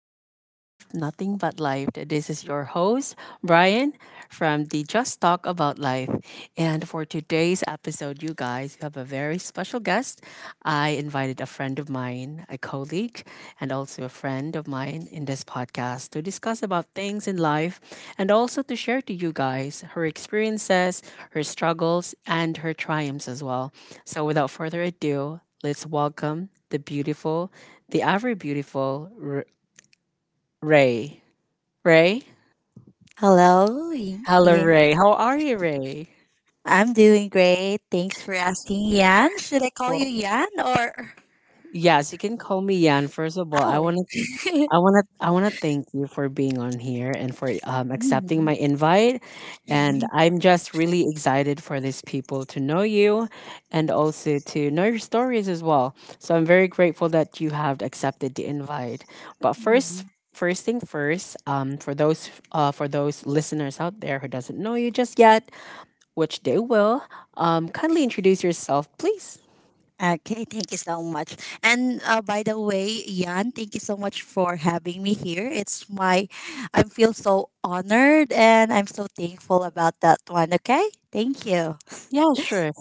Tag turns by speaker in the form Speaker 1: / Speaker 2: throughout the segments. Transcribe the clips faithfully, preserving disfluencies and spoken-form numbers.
Speaker 1: discuss life, nothing but life. This is your host, Brian from the Just Talk About Life. And for today's episode, you guys, you have a very special guest. I invited a friend of mine, a colleague, and also a friend of mine in this podcast to discuss about things in life and also to share to you guys her experiences, her struggles, and her triumphs as well. So without further ado, let's welcome the beautiful the ever beautiful R- Ray. Ray? Hello, Ray. How are you, Ray? Well, yes, you can call me Yan. First of all, I wanna, I wanna, I wanna thank you for being on here and for um, accepting my invite. And I'm just really excited for these people to know you, and also to know your stories as well. So I'm very grateful that you have accepted the invite. But first, first thing first, um, for those uh, for those listeners out there who doesn't know you just yet, which they will. Um, kindly introduce yourself, please. Yeah, sure.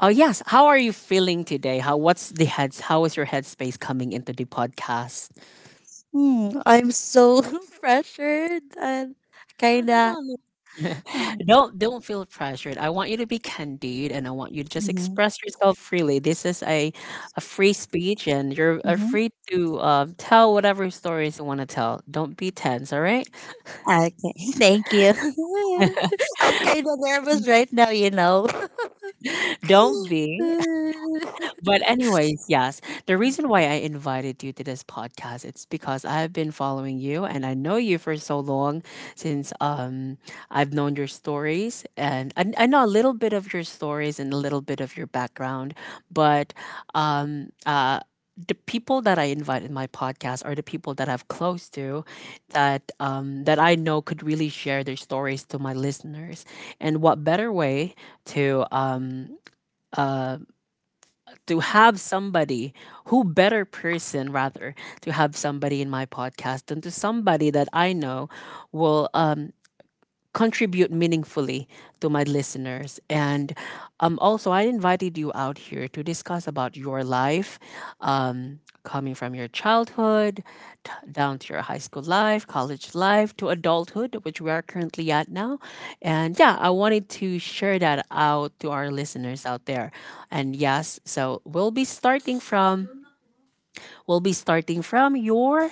Speaker 1: Oh, yes. How are you feeling today? How What's the heads? How is your headspace coming into the podcast? No, no, no, no. Don't don't feel pressured. I want you to be candid and I want you to just express yourself freely. This is a a free speech and you're uh, free to uh, tell whatever stories you want to tell. Don't be tense, all right? Don't be. But anyways, yes, the reason why I invited you to this podcast, it's because I've been following you and I know you for so long since um I've known your stories and I, I know a little bit of your stories and a little bit of your background, but um uh the people that I invite in my podcast are the people that I'm close to that um, that I know could really share their stories to my listeners. And what better way to um, uh, to have somebody who better person rather to have somebody in my podcast than to somebody that I know will um contribute meaningfully to my listeners and um, also I invited you out here to discuss about your life um, coming from your childhood t- down to your high school life, college life, to adulthood, which we are currently at now. And yeah, I wanted to share that out to our listeners out there. And yes, so we'll be starting from we'll be starting from your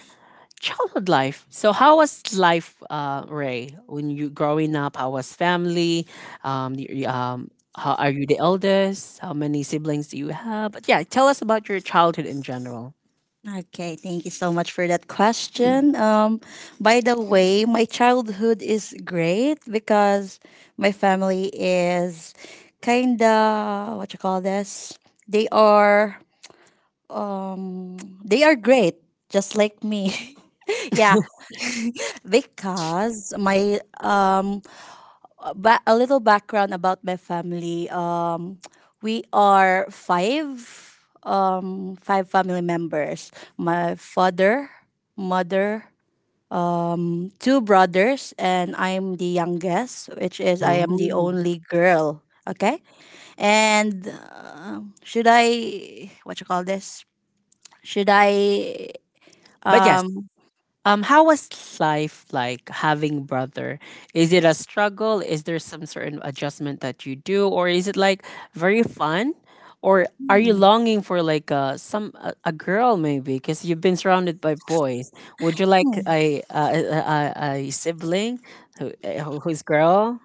Speaker 1: childhood life. So how was life, uh, Ray, when you growing up? How was family? Um, y- um, how are you the eldest? How many siblings do you have? But yeah, tell us about your childhood in general. Ooh. But yes, Um, how was life like having brother? Is it a struggle? Is there some certain adjustment that you do, or is it like very fun? Or are you longing for like uh, some a, a girl maybe because you've been surrounded by boys? Would you like a a, a, a a sibling who, eh, who- who's girl?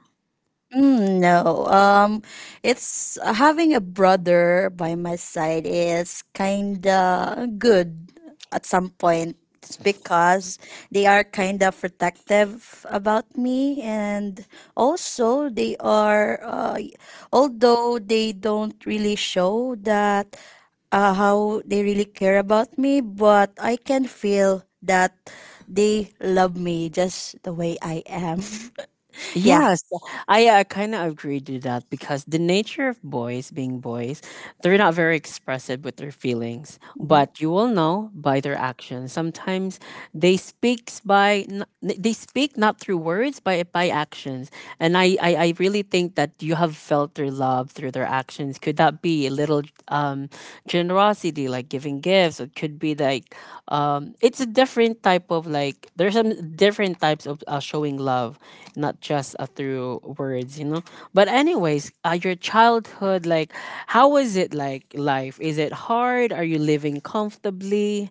Speaker 1: Yes, I uh, kind of agree to that because the nature of boys being boys, they're not very expressive with their feelings, but you will know by their actions. Sometimes they speaks by n- they speak not through words but by actions, and I, I I really think that you have felt their love through their actions. Could that be a little um, generosity, like giving gifts? It could be like um, it's a different type of like there's some different types of uh, showing love, not just uh, through words, you know. But anyways, uh, your childhood, like how was it like life? Is it hard? Are you living comfortably?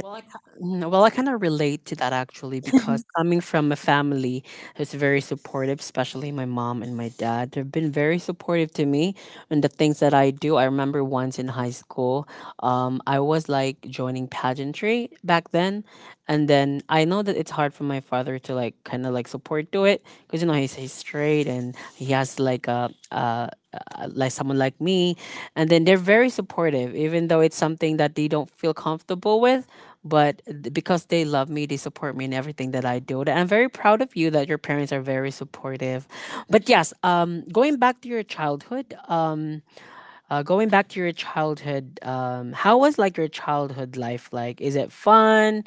Speaker 1: Well, I ki- mm, well, I kind of relate to that actually because coming from a family who's very supportive, especially my mom and my dad, they've been very supportive to me and the things that I do. I remember once in high school, um, I was like joining pageantry back then, and then I know that it's hard for my father to like kind of like support to it because you know he's he's straight and he has like a. Uh, uh, like someone like me. And then they're very supportive even though it's something that they don't feel comfortable with, but th- because they love me they support me in everything that I do. And I'm very proud of you that your parents are very supportive. But yes, um, going back to your childhood um, uh, going back to your childhood. Um, how was like your childhood life, like is it fun?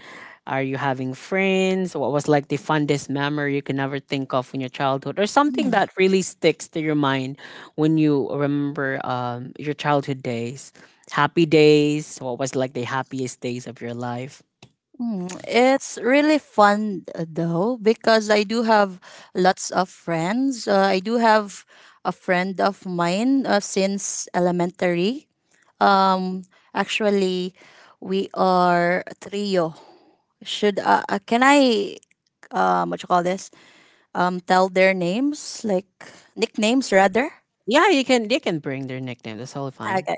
Speaker 1: Are you having friends? What was like the fondest memory you can ever think of in your childhood, or something that really sticks to your mind when you remember um, your childhood days? Happy days, what was like the happiest days of your life? Yeah, you can they can bring their nickname. That's totally fine.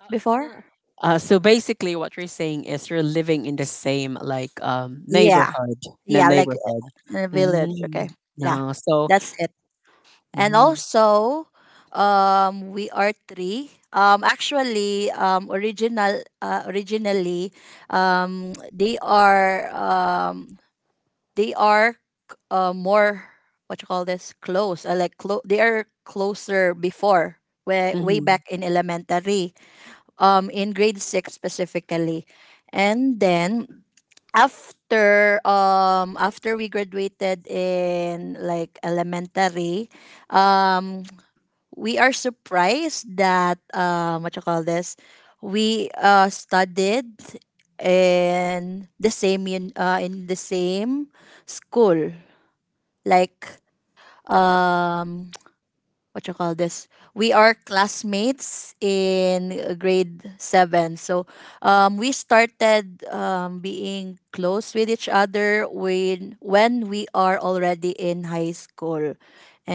Speaker 1: Uh, no. Uh, so basically, what you're saying is you're living in the same like um neighborhood, in a neighborhood. Mm, no, so mm, mm,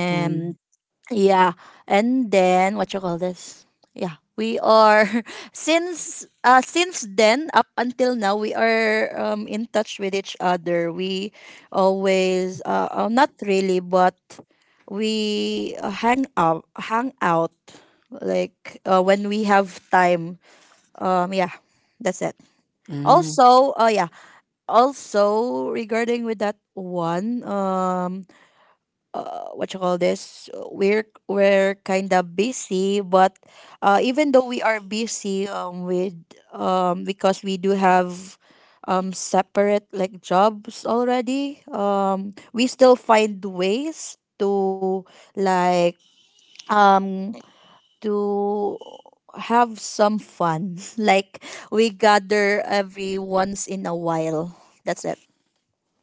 Speaker 1: mm, mm.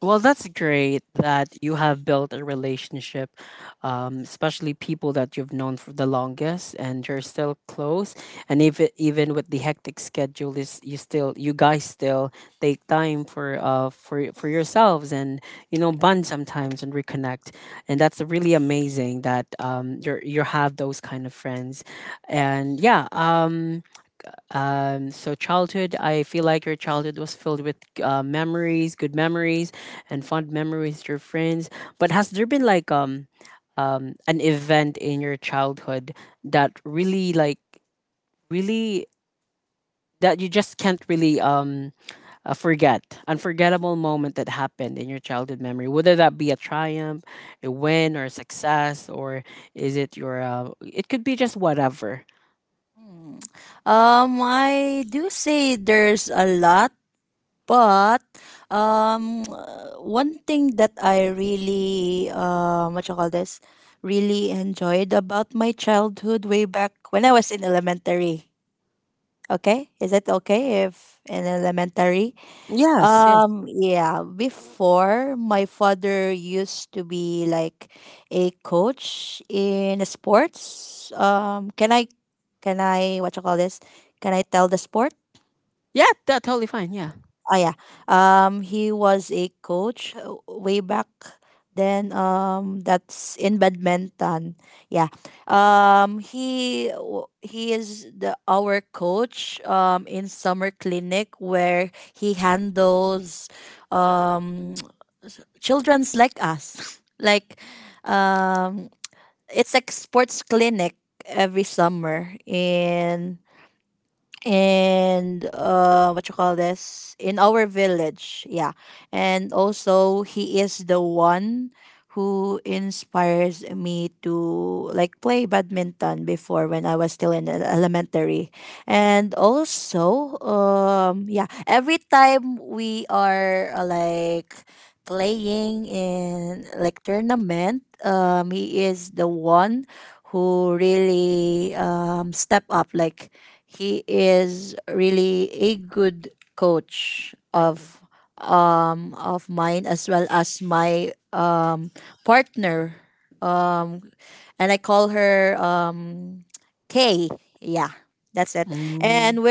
Speaker 1: Well, that's great that you have built a relationship, um, especially people that you've known for the longest, and you're still close. And if it, even with the hectic schedule, is you still you guys still take time for uh for for yourselves and you know bond sometimes and reconnect, and that's really amazing that um you are you have those kind of friends, and yeah um um, so childhood, I feel like your childhood was filled with uh, memories, good memories, and fond memories with your friends. But has there been like um, um, an event in your childhood that really like really that you just can't really um uh, forget, unforgettable moment that happened in your childhood memory? Whether that be a triumph, a win, or a success, or is it your uh, it could be just whatever. Yes, yes, yeah, that totally fine. Yeah. Mm.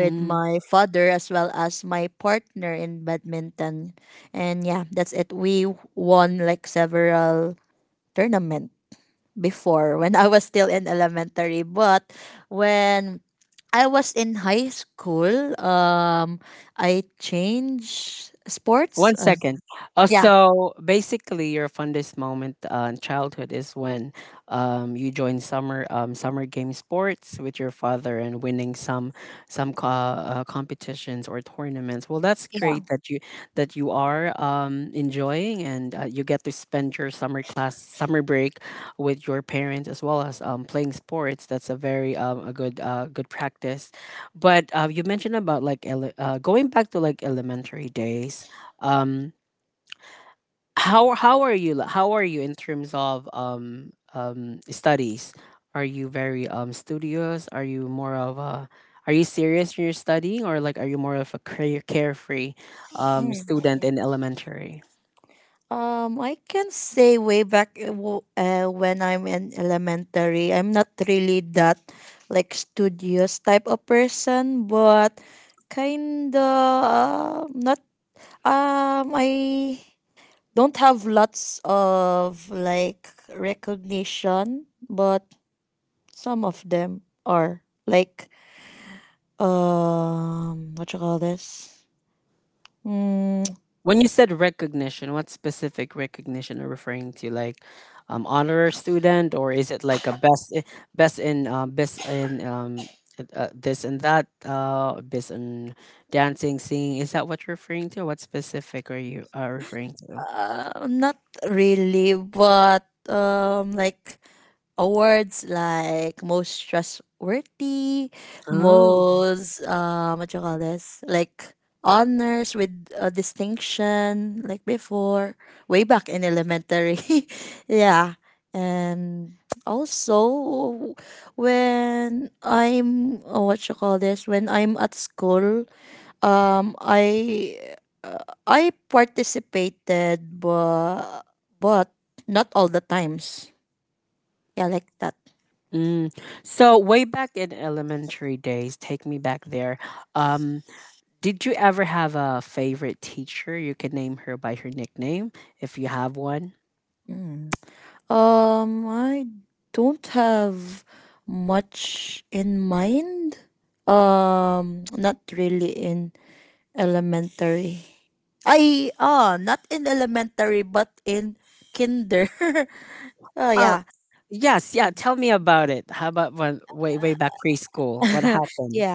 Speaker 1: Mm. One second. Uh, so basically, your fondest moment uh, in childhood is when um, you joined summer um, summer game sports with your father and winning some some co- uh, competitions or tournaments. Well, that's great that you that you are um, enjoying and uh, you get to spend your summer class summer break with your parents as well as um, playing sports. That's a very um, a good uh, good practice. But uh, you mentioned about like ele- uh, going back to like elementary days. um how how are you li- how are you in terms of um um studies? Are you very um studious? Are you more of a Are you serious in your studying, or like are you more of a care- carefree um student in elementary? When you said recognition, what specific recognition are you referring to? Like, um, honor student, or is it like a best, i- best in, uh, best in, um, uh, this and that, uh, best in dancing, singing? Is that what you're referring to? What specific are you uh, referring to? Oh. Mm. So way back in elementary days, take me back there. Um, did you ever have a favorite teacher? You can name her by her nickname if you have one. Oh, yes, yeah. Tell me about it. How about when way way back preschool? What happened?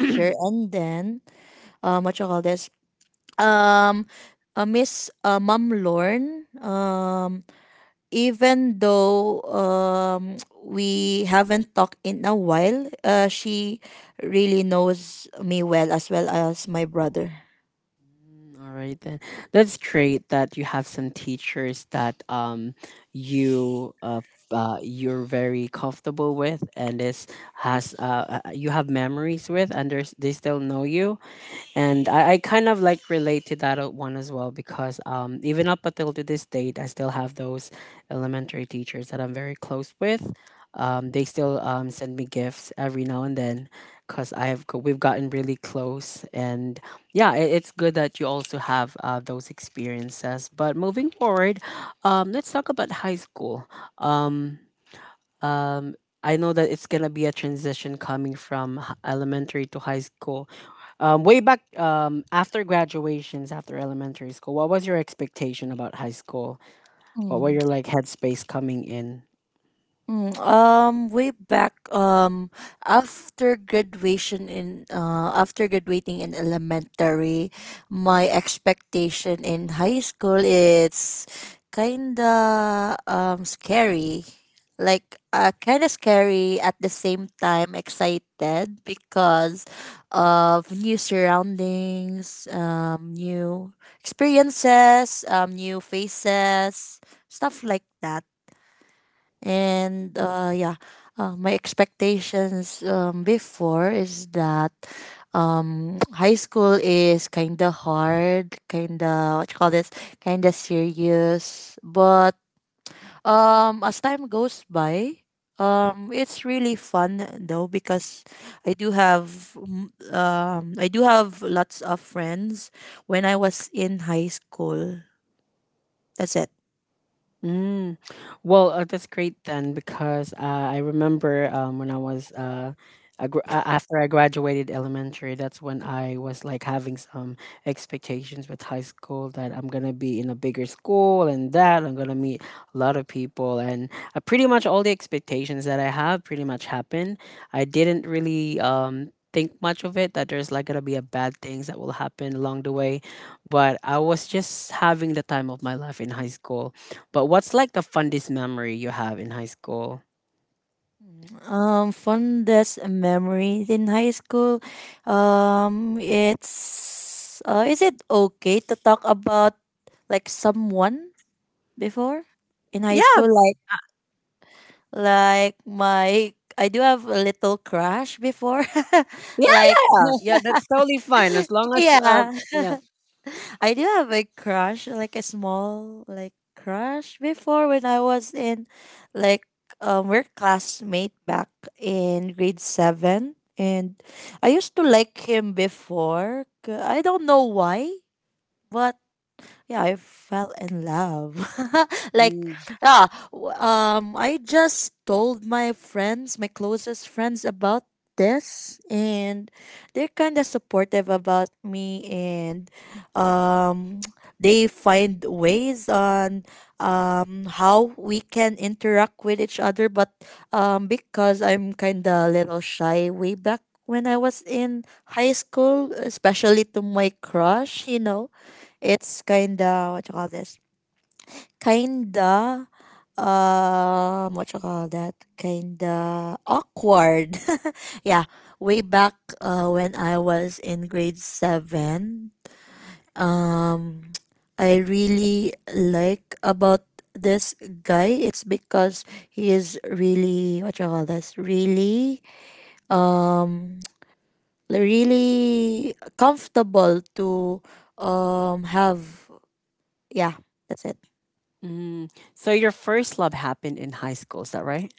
Speaker 1: Mm, all right then. That's great that you have some teachers that um you uh, f- uh you're very comfortable with and this has uh uh, you have memories with and there's, they still know you. And I, I kind of like relate to that o- one as well because um, even up until to this date, I still have those elementary teachers that I'm very close with. Um, they still um, send me gifts every now and then because I have go- we've gotten really close. And yeah, it, it's good that you also have uh, those experiences. But moving forward, um, let's talk about high school. Um, um, I know that it's gonna be a transition coming from h- elementary to high school. Um, way back, um, after graduations, after elementary school, what was your expectation about high school? What were your like headspace coming in? Mm. Well, uh, that's great then because uh, I remember um, when I was uh, I gr- a- after I graduated elementary, that's when I was like having some expectations with high school that I'm gonna be in a bigger school and that I'm gonna meet a lot of people and uh, pretty much all the expectations that I have pretty much happened. I didn't really um, think much of it that there's like gonna be a bad things that will happen along the way, but I was just having the time of my life in high school. But what's like the funniest memory you have in high school? Yeah, yeah, yeah. That's totally fine as long as uh, yeah. Mm. Mm. So your first love happened in high school, is that right?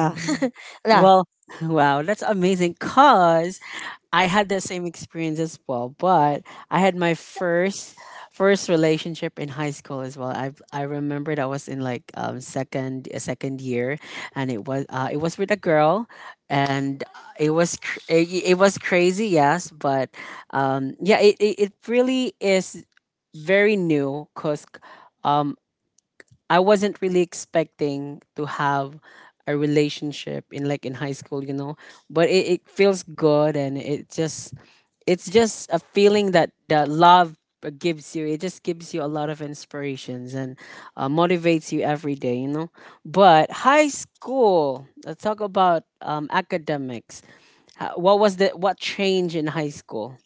Speaker 1: Mm. Well, wow, that's amazing. Cause I had the same experience as well, but I had my first first relationship in high school as well. I I remembered I was in like um second uh, second year, and it was uh, it was with a girl, and it was cr- it, it was crazy, yes, but um yeah, it it, it really is very new because I wasn't really expecting to have a relationship in like in high school, you know. But it, it feels good and it just it's just a feeling that that love gives you. It just gives you a lot of inspirations and uh, motivates you every day, you know. But high school, let's talk about um, academics. Ho- What was the what change in high school?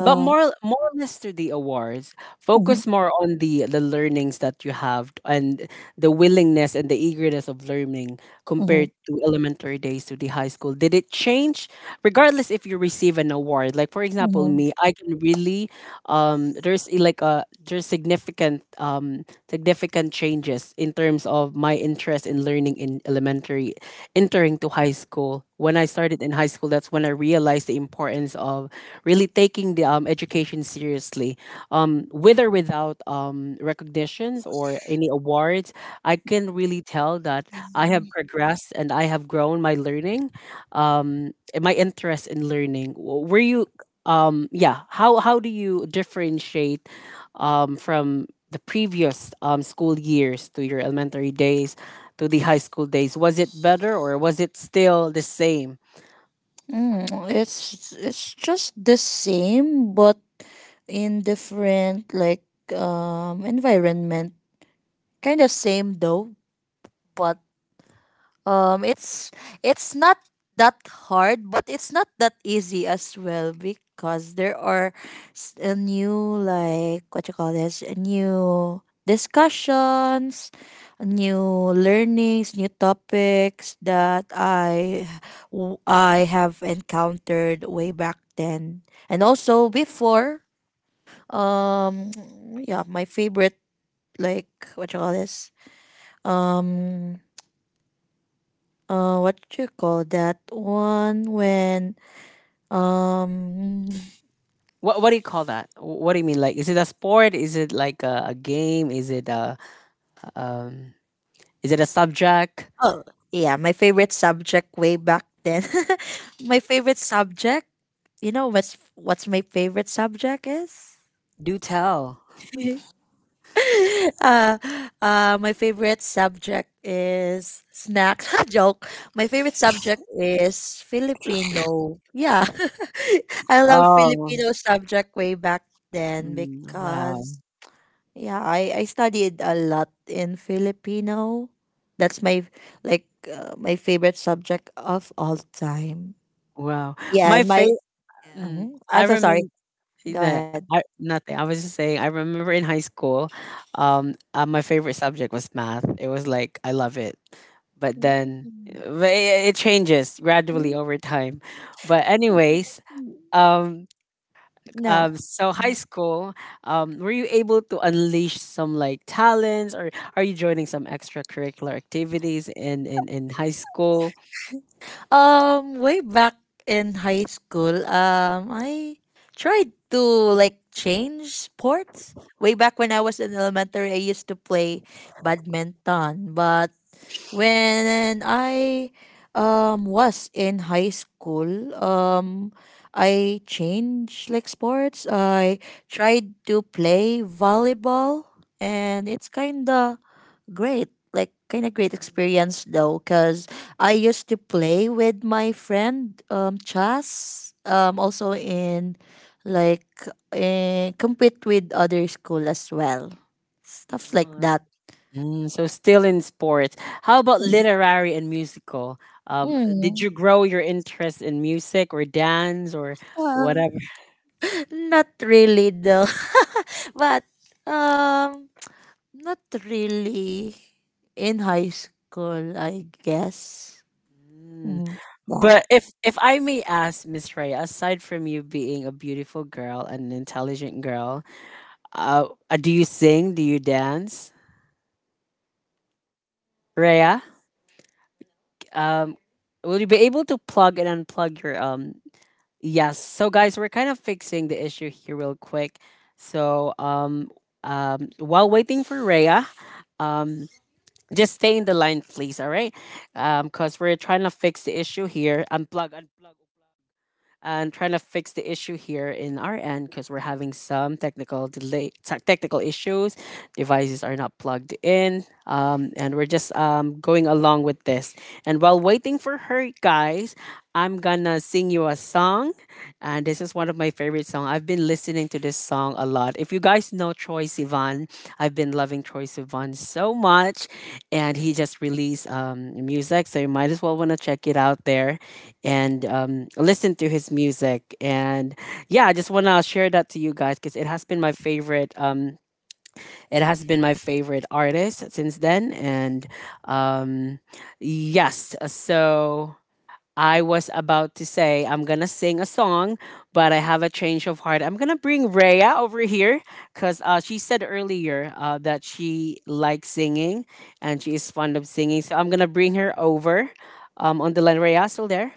Speaker 1: But more more or less to the awards, focus more on the the learnings that you have and the willingness and the eagerness of learning compared to elementary days to the high school. Did it change? Regardless if you receive an award, like for example me, I can really um there's I- like a there's significant um significant changes in terms of my interest in learning in elementary entering to high school. When I started in high school, that's when I realized the importance of really taking the um, education seriously, um, with or without um, recognitions or any awards. I can really tell that I have progressed and I have grown my learning, um, and my interest in learning. W- were you, um, yeah, how, how do you differentiate, um, from the previous um, school years to your elementary days to the high school days? Was it better or was it still the same? What what do you call that? What do you mean? Like, is it a sport? Is it like a, a game? Is it a um? Is it a subject? Do tell. Oh, mm, wow, wow. My favorite. Mm, I remember. That I, nothing. I was just saying. I remember in high school, um, uh, my favorite subject was math. It was like I love it, but then uh, but it, it changes gradually over time. But anyways, um, Um, so high school, um, were you able to unleash some like talents, or are you joining some extracurricular activities in in in high school? Uh, mm, so still in sports. How about literary and musical? Um, did you grow your interest in music or dance or whatever? Mm. But if if I may ask, Miss Raya, aside from you being a beautiful girl and an intelligent girl, uh, uh, do you sing? Do you dance, Raya? Um, will you be able to plug and unplug your um? Yes. So guys, we're kind of fixing the issue here real quick. So um um while waiting for Rhea, um just stay in the line, please. All right, um, because we're trying to fix the issue here. Unplug, unplug and trying to fix the issue here in our end because we're having some technical delay, te- technical issues. Devices are not plugged in, um, and we're just um, going along with this. And while waiting for her, guys, I'm gonna sing you a song, and this is one of my favorite songs. I've been listening to this song a lot. If you guys know Troye Sivan, I've been loving Troy Sivan so much, and he just released um, music, so you might as well want to check it out there and um, listen to his music. And yeah, I just want to share that to you guys because it has been my favorite. Um, it has been my favorite artist since then, and um, yes, so I was about to say I'm gonna sing a song, but I have a change of heart. I'm gonna bring Rhea over here because uh, she said earlier uh, that she likes singing and she is fond of singing. So I'm gonna bring her over um, on the line. Rhea, still there?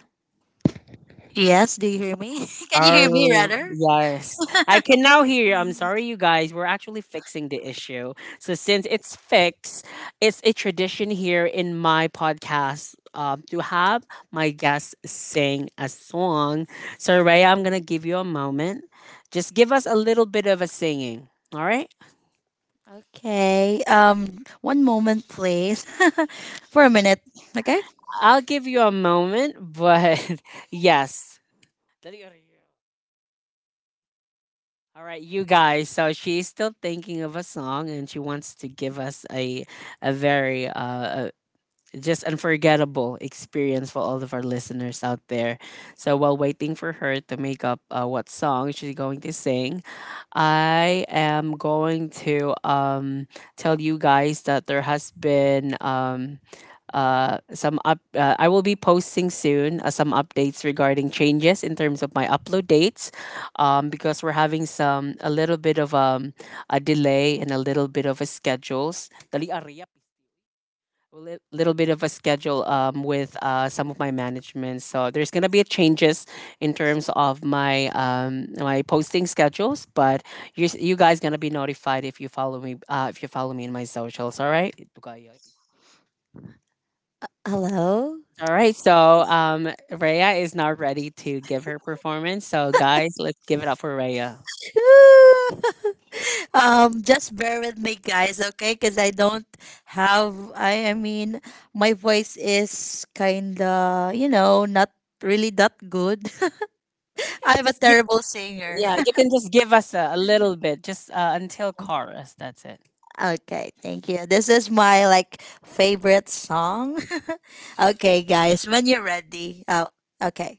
Speaker 2: Yes, do you hear me? Can you hear me,
Speaker 1: Oh,
Speaker 2: rather?
Speaker 1: yes. I can now hear you. I'm
Speaker 2: Mm.
Speaker 1: sorry, you guys. We're actually fixing the issue. So since it's fixed, it's a tradition here in my podcast um, to have my guests sing a song. So Raya, I'm gonna give you a moment. Just give us a little bit of a singing. All right?
Speaker 2: Okay. Um, one moment, please, for a minute. Okay.
Speaker 1: I'll give you a moment, but yes. All right, you guys. So she's still thinking of a song, and she wants to give us a a very uh, just unforgettable experience for all of our listeners out there. So while waiting for her to make up uh, what song she's going to sing, I am going to um, tell you guys that there has been um, uh, some up. Uh, I will be posting soon uh, some updates regarding changes in terms of my upload dates, um, because we're having some a little bit of um, a delay and a little bit of a schedules. Dali, Aria, a li- little bit of a schedule um, with uh, some of my management. So there's gonna be changes in terms of my um, my posting schedules, but you s- you guys gonna be notified if you follow me uh, if you follow me in my socials. All right.
Speaker 2: Hello.
Speaker 1: All right. So um, Rhea is now ready to give her performance. So guys, let's give it up for Rhea.
Speaker 2: um, just bear with me, guys. Okay, because I don't have. I I mean, my voice is kinda, you know, not really that good.
Speaker 1: But you could
Speaker 2: I'm a
Speaker 1: just give
Speaker 2: terrible singer.
Speaker 1: yeah, you can just give us a, a little bit, just uh, until chorus. That's it.
Speaker 2: Okay, thank you. This is my like favorite song. Okay, guys, when you're ready. Oh, okay.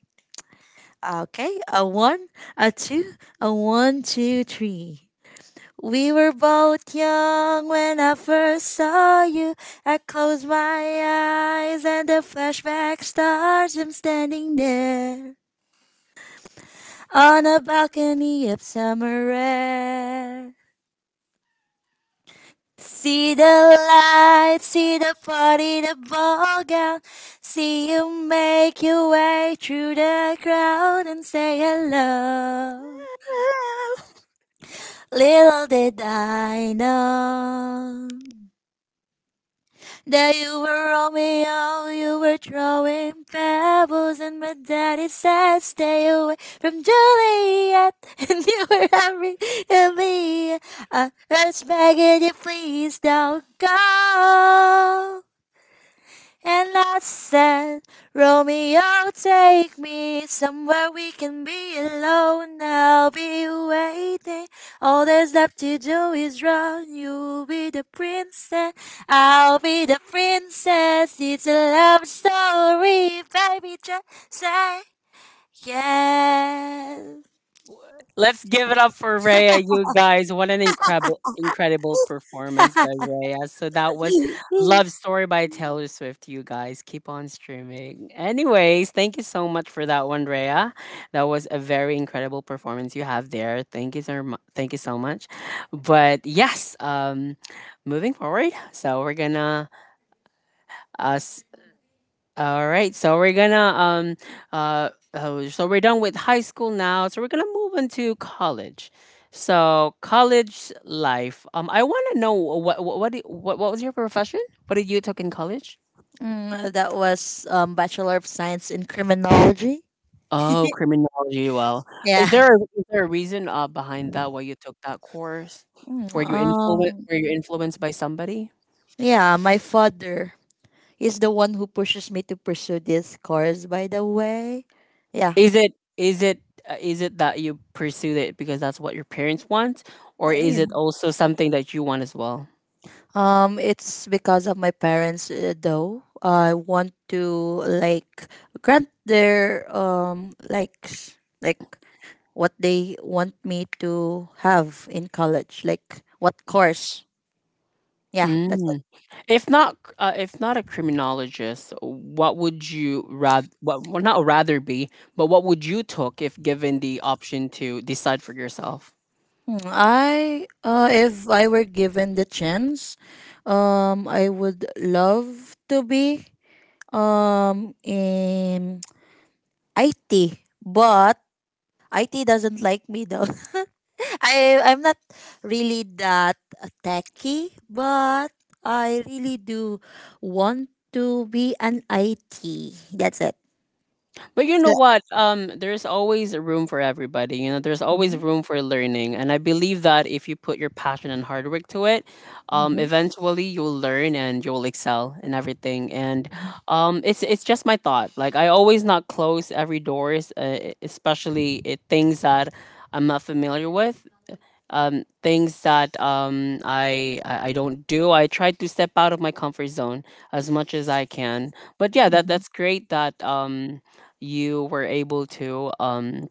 Speaker 2: Okay, a one, a two, a one, two, three. We were both young when I first saw you. I closed my eyes and the flashback starts. I'm standing there on a balcony of summer air. See the lights, see the party, the ball gown. See you make your way through the crowd and say hello. Little did I know that you were Romeo, you were throwing pebbles, and my daddy said, stay away from Juliet. And you were Henry and me. I respect it, you please don't go. And I said, Romeo, take me somewhere we can be alone. I'll be waiting. All there's left to do is run. You'll be the princess. I'll be the princess. It's a love story, baby. Just say yes.
Speaker 1: Let's give it up for Rhea, you guys. What an incredible incredible performance by Rhea. So that was Love Story by Taylor Swift, you guys. Keep on streaming. Anyways, thank you so much for that one, Rhea. That was a very incredible performance you have there. Thank you so much. Thank you so much. But yes, um moving forward, so we're gonna uh, all right, so we're gonna um uh oh, so we're done with high school now. So we're gonna move into college. So college life. Um, I want to know what what what, do- what what was your profession? What did you took in college?
Speaker 2: Mm, that was um, Bachelor of Science in Criminology.
Speaker 1: Oh, criminology. Well,
Speaker 2: Yeah.
Speaker 1: is there a, is there a reason uh behind that why you took that course?
Speaker 2: Mm.
Speaker 1: Were you influenced?
Speaker 2: Um,
Speaker 1: Were you influenced by somebody?
Speaker 2: yeah, my father. Is the one who pushes me to pursue this course, by the way. Yeah.
Speaker 1: Is it is it uh, is it that you pursued it because that's what your parents want, or is
Speaker 2: Yeah.
Speaker 1: it also something that you want as well?
Speaker 2: Um, it's because of my parents, uh, though. I want to like grant their um like s- like what they want me to have in college, like what course. Yeah, that's it.
Speaker 1: Mm. If not, c- uh, if not a criminologist, what would you rather? What, well, not rather be, but what would you took if given the option to decide for yourself?
Speaker 2: Hmm, I uh, if I were given the chance, um, I would love to be um in I T, but I T doesn't like me though. I I'm not really that techy, but I really do want to be an I T. That's it.
Speaker 1: But you know
Speaker 2: Yeah.
Speaker 1: what? Um, there's always a room for everybody. You know, there's always
Speaker 2: Mhm,
Speaker 1: room for learning, and I believe that if you put your passion and hard work to it, um,
Speaker 2: mhm,
Speaker 1: eventually you'll learn and you'll excel in everything. And
Speaker 2: mhm,
Speaker 1: um, it's it's just my thought. Like I always not close every doors, uh, especially it, things that I'm not familiar with, um, things that um, I, I I don't do. I try to step out of my comfort zone as much as I can. But yeah, that
Speaker 2: mhm.
Speaker 1: that's great that um, you were able to um,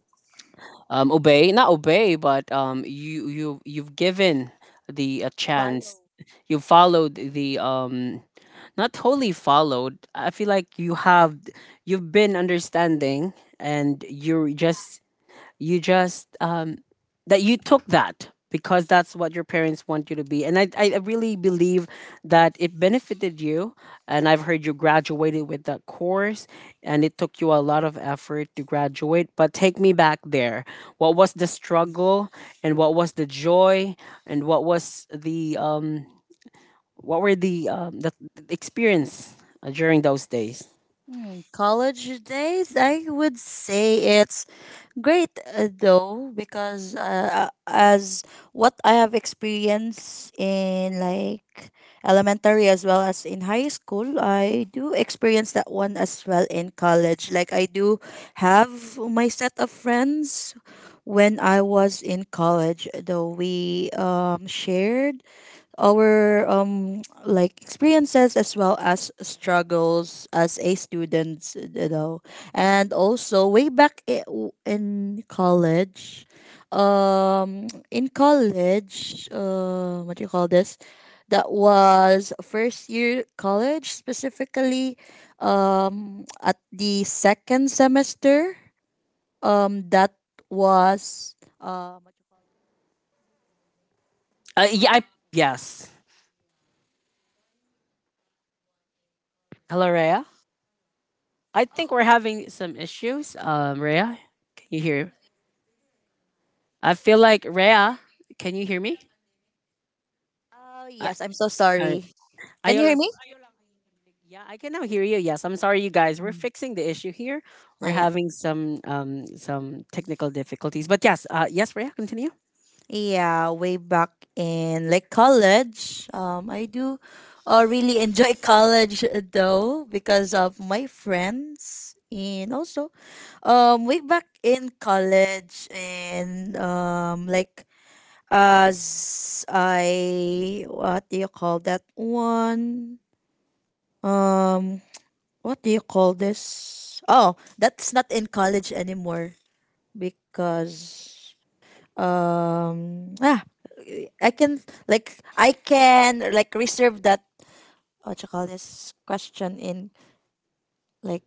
Speaker 1: um, obey, not obey, but um, you you you've given the a chance.
Speaker 2: Follow.
Speaker 1: You followed the um, not totally followed. I feel like you have you've been understanding and you're just you just um, that you took that because that's what your parents want you to be, and I, I really believe that it benefited you, and I've heard you graduated with that course, and it took you a lot of effort to graduate. But take me back there. What was the struggle, and what was the joy, and what was the um what were the um the the experience uh, during those days?
Speaker 2: Hmm, college days, I would say it's great uh, though, because uh, uh, as what I have experienced in like elementary as well as in high school, I do experience that one as well in college. Like I do have my set of friends when I was in college, though we um, shared our um like experiences as well as struggles as a student, you know. And also way back i- w- in college, um in college uh what do you call this, that was first year college specifically, um at the second semester. Um that was um what do you call it?
Speaker 1: uh, yeah I, yes, hello Rhea. I think we're having some issues. Um, Rhea, can you hear? I feel like Rhea, can you hear me?
Speaker 2: Oh
Speaker 1: I,
Speaker 2: yes, I'm so
Speaker 1: I,
Speaker 2: sorry. Can
Speaker 1: ayaw
Speaker 2: you hear
Speaker 1: lang.
Speaker 2: me?
Speaker 1: Siguro. Ayaw lang. Yeah, I can now hear you. Yes, I'm sorry, you guys. We're
Speaker 2: Mm.
Speaker 1: fixing the issue here.
Speaker 2: Ah,
Speaker 1: We're
Speaker 2: yeah.
Speaker 1: having some um some technical difficulties, but yes, uh, yes, Rhea, continue.
Speaker 2: Yeah, way back in like college. Um, I do uh, really enjoy college uh, though, because of my friends. And also um way back in college, and um like as I what do you call that one? Um, what do you call this? Oh, that's not in college anymore because um, ah, I can like I can like reserve that what you call this question in like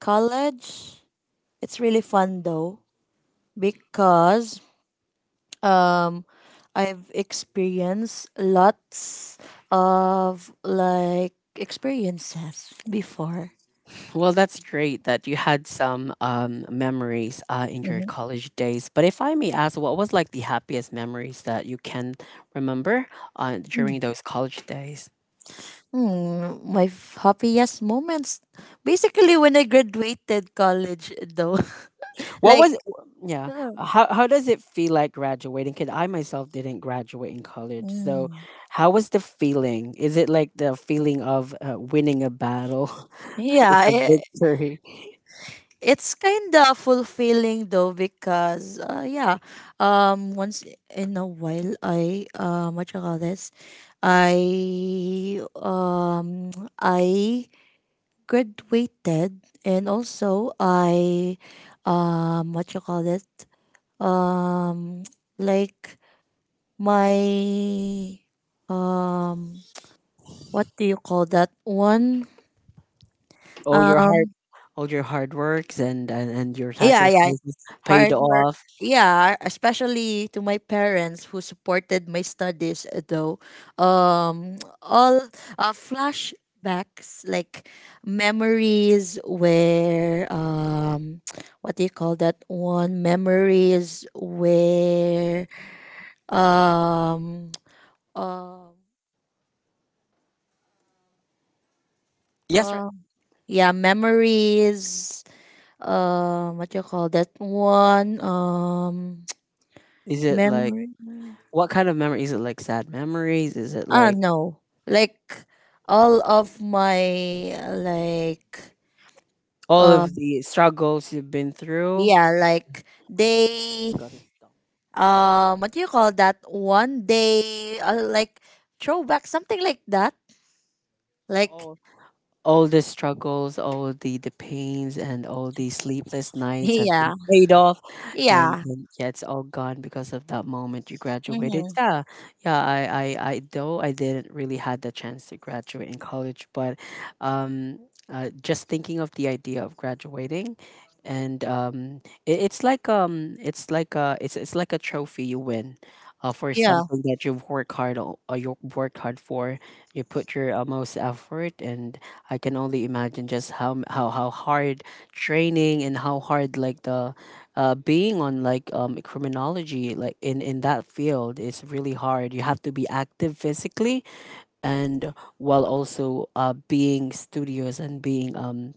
Speaker 2: college. It's really fun though, because um I've experienced lots of like experiences before.
Speaker 1: Well, that's great that you had some um memories uh in your
Speaker 2: Mhm.
Speaker 1: college days. But if I may ask, what was like the happiest memories that you can remember uh,
Speaker 2: Mm.
Speaker 1: during those college days?
Speaker 2: Hmm, my f- happiest moments. Basically, when I graduated college, though.
Speaker 1: What
Speaker 2: Like,
Speaker 1: was yeah? How how does it feel like graduating? Because I myself didn't graduate in college, so
Speaker 2: mm,
Speaker 1: how was the feeling? Is it like the feeling of uh, winning a battle? It's
Speaker 2: Yeah,
Speaker 1: a
Speaker 2: it,
Speaker 1: victory.
Speaker 2: it's kind of fulfilling though because uh, yeah, um, once in a while I um, what you call this, I um, I graduated. And also I um, what you call it, um, like my um, what do you call that one?
Speaker 1: All your hard,
Speaker 2: Um.
Speaker 1: all your hard works and and, and your
Speaker 2: Yeah, yeah.
Speaker 1: sacrifices paid
Speaker 2: Hard work.
Speaker 1: off.
Speaker 2: Yeah, especially to my parents who supported my studies uh, though. Um all uh, flashbacks, like memories where um what do you call that one, memories where um um
Speaker 1: Yes, right.
Speaker 2: um yeah, memories, um what do you call that one, um
Speaker 1: Is it like
Speaker 2: memory.
Speaker 1: what kind of memory? Is it like sad memories? Is it
Speaker 2: Ah,
Speaker 1: like
Speaker 2: no. Like all of my like
Speaker 1: all
Speaker 2: uh
Speaker 1: of the struggles you've been through?
Speaker 2: yeah, like they
Speaker 1: Got it.
Speaker 2: um what do you call that one day uh, like throwback something like that.
Speaker 1: So
Speaker 2: Like
Speaker 1: all all the struggles, all the, the pains, and all the sleepless nights have been
Speaker 2: yeah.
Speaker 1: paid off, and,
Speaker 2: Yeah.
Speaker 1: and yeah, it's all gone because of that moment you graduated.
Speaker 2: Hmm.
Speaker 1: Yeah, yeah. I, I, I though I didn't really had the chance to graduate in college, but um, uh, just thinking of the idea of graduating, and um, it, it's like um, it's like a, it's it's like a trophy you win. Uh, for
Speaker 2: Yeah.
Speaker 1: something that you've worked hard, o- uh, you worked hard for, you put your uh, most effort and I can only imagine just how m- how how hard training and how hard like the uh being on like um criminology like in in that field is really hard. You have to be active physically and while also uh being studious and being um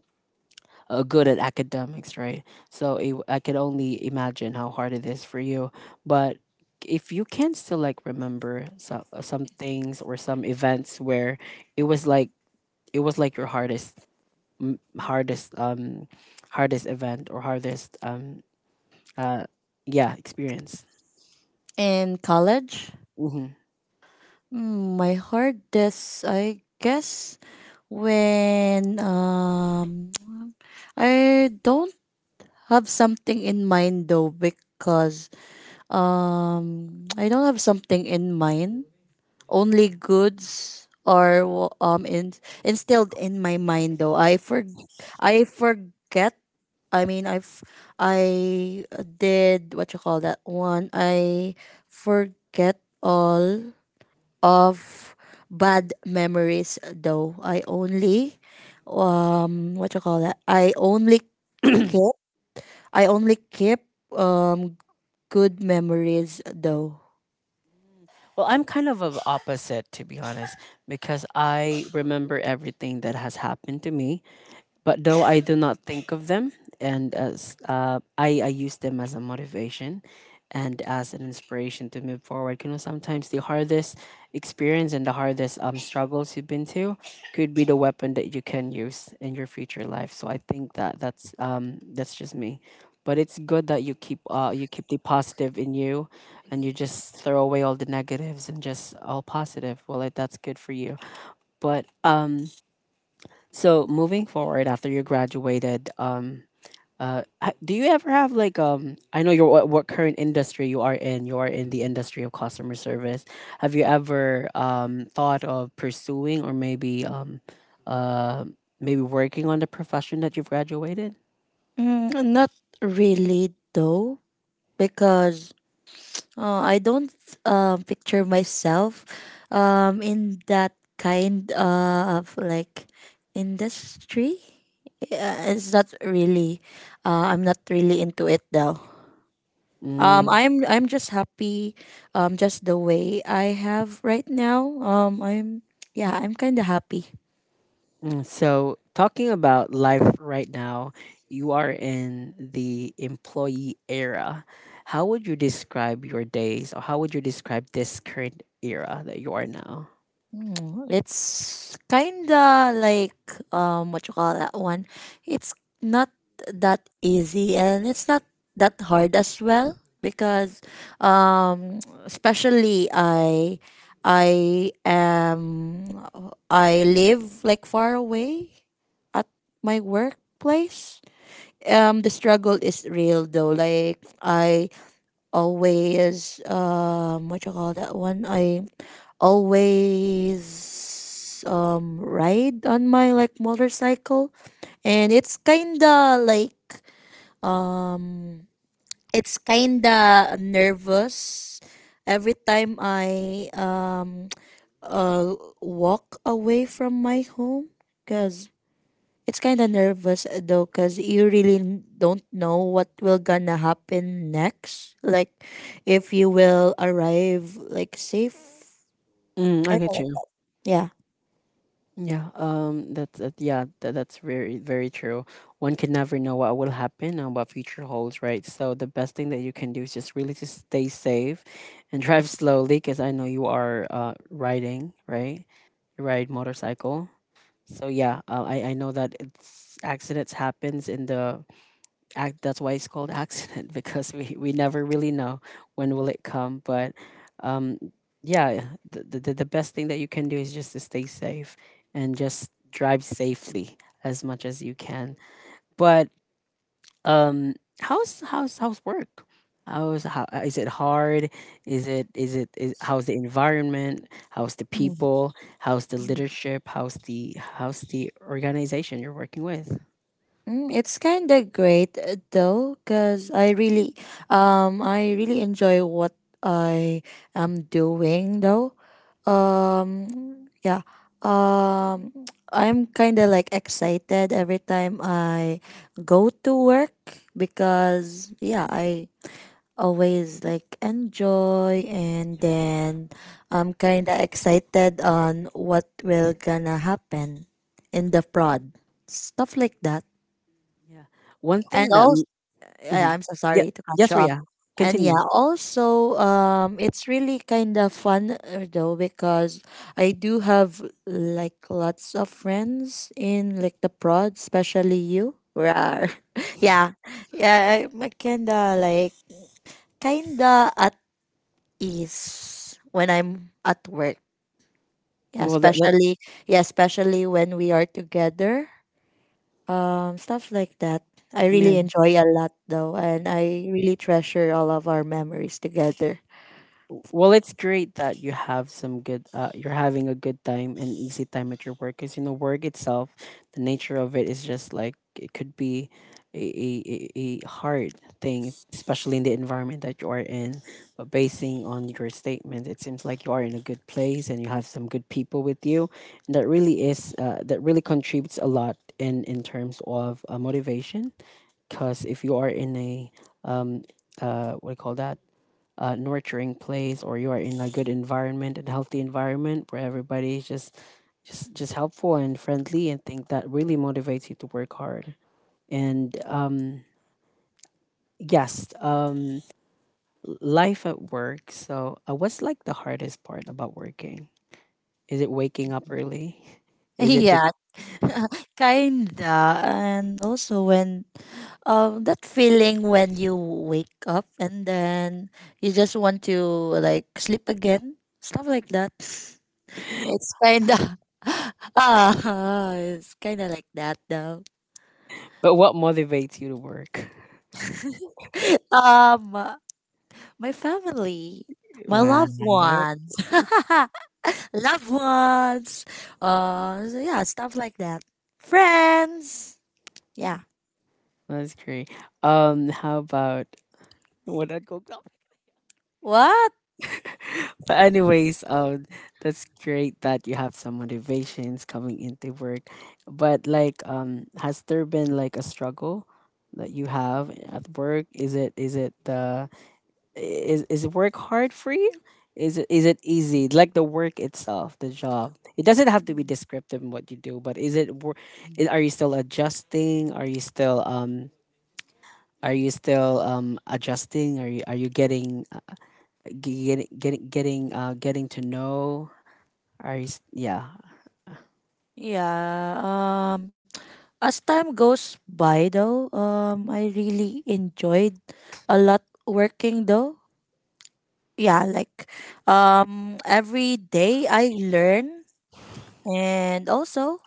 Speaker 1: uh, good at academics, right? So it, I can only imagine how hard it is for you. But if you can still like remember some some things or some events where it was like it was like your hardest m- hardest um hardest event or hardest um uh yeah experience.
Speaker 2: In college,
Speaker 1: Hmm.
Speaker 2: mm, my hardest I guess, when um I don't have something in mind though, because Um, I don't have something in mind. Only goods are wa- um in, instilled in my mind though. I for I forget. I mean, I've I did what you call that one. I forget all of bad memories though. I only um what you call that? I only keep I only keep um good memories though.
Speaker 1: Well, I'm kind of of opposite to be honest, because I remember everything that has happened to me. But though I do not think of them, and as uh, I, I use them as a motivation and as an inspiration to move forward. You know, sometimes the hardest experience and the hardest um, struggles you've been to could be the weapon that you can use in your future life. So I think that that's um, that's just me. But it's good that you keep uh, you keep the positive in you, and you just throw away all the negatives and just all positive. Well, like, that's good for you. But um, so moving forward after you graduated, um, uh, ha- do you ever have like um? I know your what, what current industry you are in. You are in the industry of customer service. Have you ever um thought of pursuing or maybe um, uh, maybe working on the profession that you've graduated?
Speaker 2: Mm, not really, though, because uh, I don't uh, picture myself um, in that kind uh, of like industry. Uh, it's not really. Uh, I'm not really into it though. Um,
Speaker 1: Mm.
Speaker 2: I'm I'm just happy. Um, just the way I have right now. Um, I'm yeah. I'm kind of happy.
Speaker 1: So, talking about life right now, you are in the employee era. How would you describe your days, or how would you describe this current era that you are now?
Speaker 2: Mm, it's kinda like um what you call that one. It's not that easy, and it's not that hard as well, because um especially I I am. I live like far away at my workplace. Um, the struggle is real though. Like I always um what you call that one, I always um ride on my like motorcycle. And it's kinda like um it's kinda nervous every time I um uh walk away from my home, because it's kind of nervous uh, though, cuz you really n- don't know what will gonna happen next. Like if you will arrive like safe.
Speaker 1: Mm, I
Speaker 2: Kinda
Speaker 1: get you.
Speaker 2: like- Yeah.
Speaker 1: Yeah. Um. That's that, yeah. That, that's very very true. One can never know what will happen and what future holds, right? So the best thing that you can do is just really just stay safe, and drive slowly, because I know you are uh riding, right? You ride motorcycle. So yeah, uh, I I know that it's accidents happens in the act. That's why it's called accident because we we never really know when will it come. But um, yeah, the, the the best thing that you can do is just to stay safe and just drive safely as much as you can. But um, how's how's how's work? How's how uh, Is it hard? Is it is it is, how's the environment? How's the people? How's the leadership? How's the how's the organization you're working with?
Speaker 2: Mm, it's kind of great uh, though, cuz I really um I really enjoy what I am doing though. Um, yeah. Um I'm kind of like excited every time I go to work, because yeah, I always like enjoy. And then I'm kind of excited on what will gonna happen in the prod. Stuff like that.
Speaker 1: Yeah, one
Speaker 2: And
Speaker 1: thing that
Speaker 2: also
Speaker 1: mm
Speaker 2: I'm so
Speaker 1: yeah.
Speaker 2: sorry to cut
Speaker 1: Yes,
Speaker 2: you off.
Speaker 1: Ria,
Speaker 2: And
Speaker 1: continue.
Speaker 2: yeah, also um it's really kind of fun uh, though, because I do have like lots of friends in like the prod, especially you. Rar. Yeah. Yeah, I'm kinda like kinda at is when I'm at work. Yeah,
Speaker 1: Well, that that
Speaker 2: especially yeah, especially when we are together. Um, stuff like that. I
Speaker 1: yeah.
Speaker 2: really enjoy a lot though, and I really treasure all of our memories together.
Speaker 1: Well, it's great that you have some good, uh, you're having a good time and easy time at your work. Because, you know, work itself, the nature of it is just like it could be a, a, a a hard thing, especially in the environment that you are in. But basing on your statement, it seems like you are in a good place and you have some good people with you. And that really is, uh, that really contributes a lot in, in terms of uh, motivation. Because if you are in a, um, uh, what do you call that? Uh, nurturing place or you are in a good environment and healthy environment where everybody is just just just helpful and friendly and think that really motivates you to work hard and um yes um life at work. So uh, what's like the hardest part about working? Is it waking up early is it the
Speaker 2: Yeah. Kinda. And also when um that feeling when you wake up and then you just want to like sleep again, stuff like that. It's kinda ah, it's kinda like that though.
Speaker 1: but what motivates you to work?
Speaker 2: um, my family, my
Speaker 1: Wow,
Speaker 2: loved ones. Loved ones. Uh, so yeah, stuff like that. Friends. Yeah.
Speaker 1: that's great. Um, how about what I go
Speaker 2: What?
Speaker 1: but anyways, um, that's great that you have some motivations coming into work. But like, um, has there been like a struggle that you have at work? Is it is it the is is work hard for you? Is it is it easy? Like the work itself, the job. It doesn't have to be descriptive in what you do, but is it wor- is, are you still adjusting? Are you still um are you still um adjusting? Are you are you getting getting getting getting uh, getting to know are s- yeah.
Speaker 2: Yeah. Um, as time goes by, though, um, I really enjoyed a lot working, though. Yeah, like, um, every day I learn. And also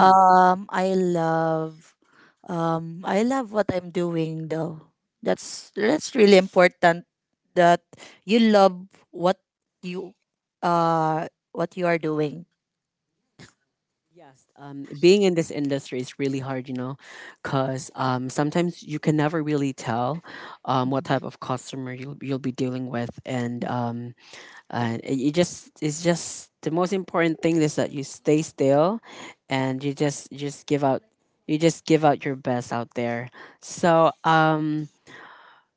Speaker 2: Um, I love, um, I love what I'm doing though. That's that's really important that you love what you, uh, what you are doing.
Speaker 1: Yes, um being in this industry is really hard you know, because um sometimes you can never really tell um what type of customer you'll, you'll be dealing with, and um and it you just it's just the most important thing is that you stay still, and you just you just give out you just give out your best out there. So um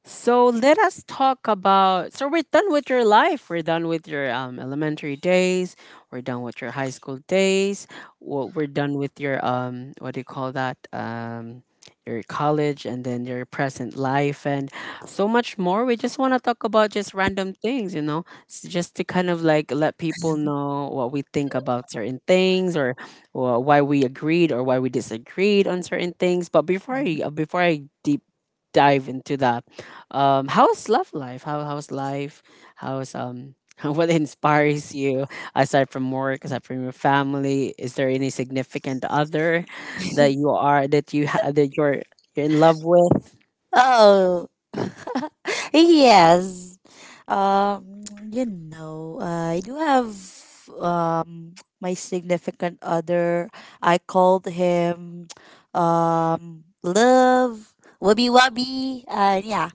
Speaker 1: so let us talk about. So we're done with your life. We're done with your um, elementary days. We're done with your high school days. Wo- We're done with your um, what do you call that? Um, your college and then your present life and so much more. We just want to talk about just random things, you know, s- just to kind of like let people know what we think about certain things or or why we agreed or why we disagreed on certain things. But before I uh, before I deep dive into the um, how's love life? How how's life? How's um what inspires you aside from work, aside from your family? Is there any significant other that you are that you ha- that you're you're in love with?
Speaker 2: Oh. Yes. Um, you know, I do have um my significant other. I called him um love, wubby wubby. Uh, yeah.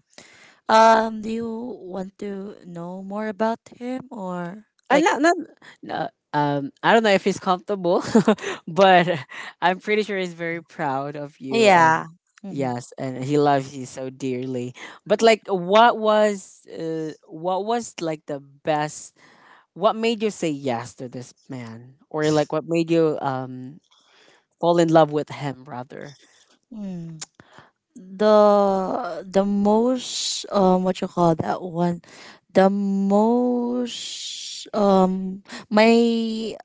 Speaker 2: Um, do you want to know more about him or
Speaker 1: Uh,
Speaker 2: like.
Speaker 1: not, not, no, um, I don't know if he's comfortable, but I'm pretty sure he's very proud of you and
Speaker 2: Yeah. Mm-hmm.
Speaker 1: yes, and he loves you so dearly. But like, what was uh, what was like the best. What made you say yes to this man? Or like what made you um fall in love with him rather?
Speaker 2: Mm. The the most um what you call that one? The most um my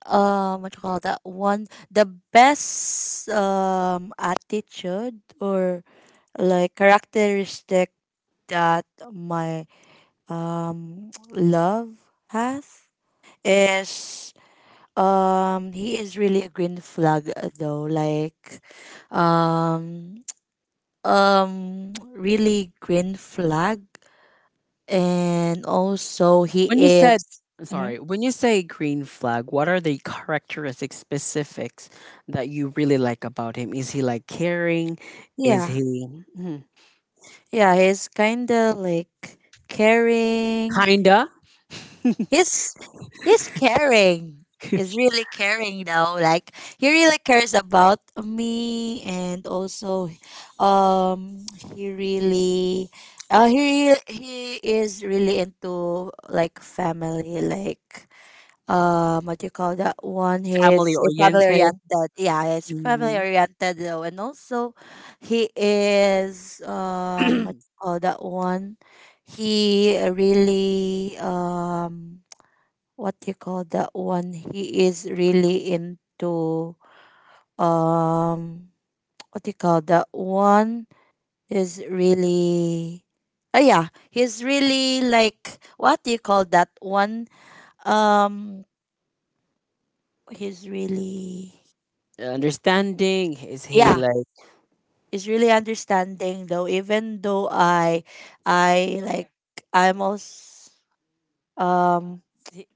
Speaker 2: um what you call that one, the best um attitude or like characteristic that my um love has is. Um, he is really a green flag uh, though. Like, um, um, really green flag. And also he
Speaker 1: When you said
Speaker 2: is, mhm.
Speaker 1: sorry, when you say green flag, what are the characteristic specifics that you really like about him? Is he like caring? Is
Speaker 2: Yeah,
Speaker 1: he? Mhm.
Speaker 2: yeah, he's kind of like caring,
Speaker 1: Kinda.
Speaker 2: he's he's caring. He's really caring though. Like he really cares about me. And also um he really uh he he is really into like family, like um what you call that one,
Speaker 1: Family
Speaker 2: he's family
Speaker 1: oriented?
Speaker 2: oriented. Yeah, he's family
Speaker 1: Mhm.
Speaker 2: oriented though. And also he is um what you call that one, he really um what you call that one? He is really into um what you call that one? Is really oh yeah, he's really like what do you call that one? Um he's really
Speaker 1: Understanding? Is he
Speaker 2: yeah, he's really understanding though, even though I I
Speaker 1: like?
Speaker 2: like I'm also um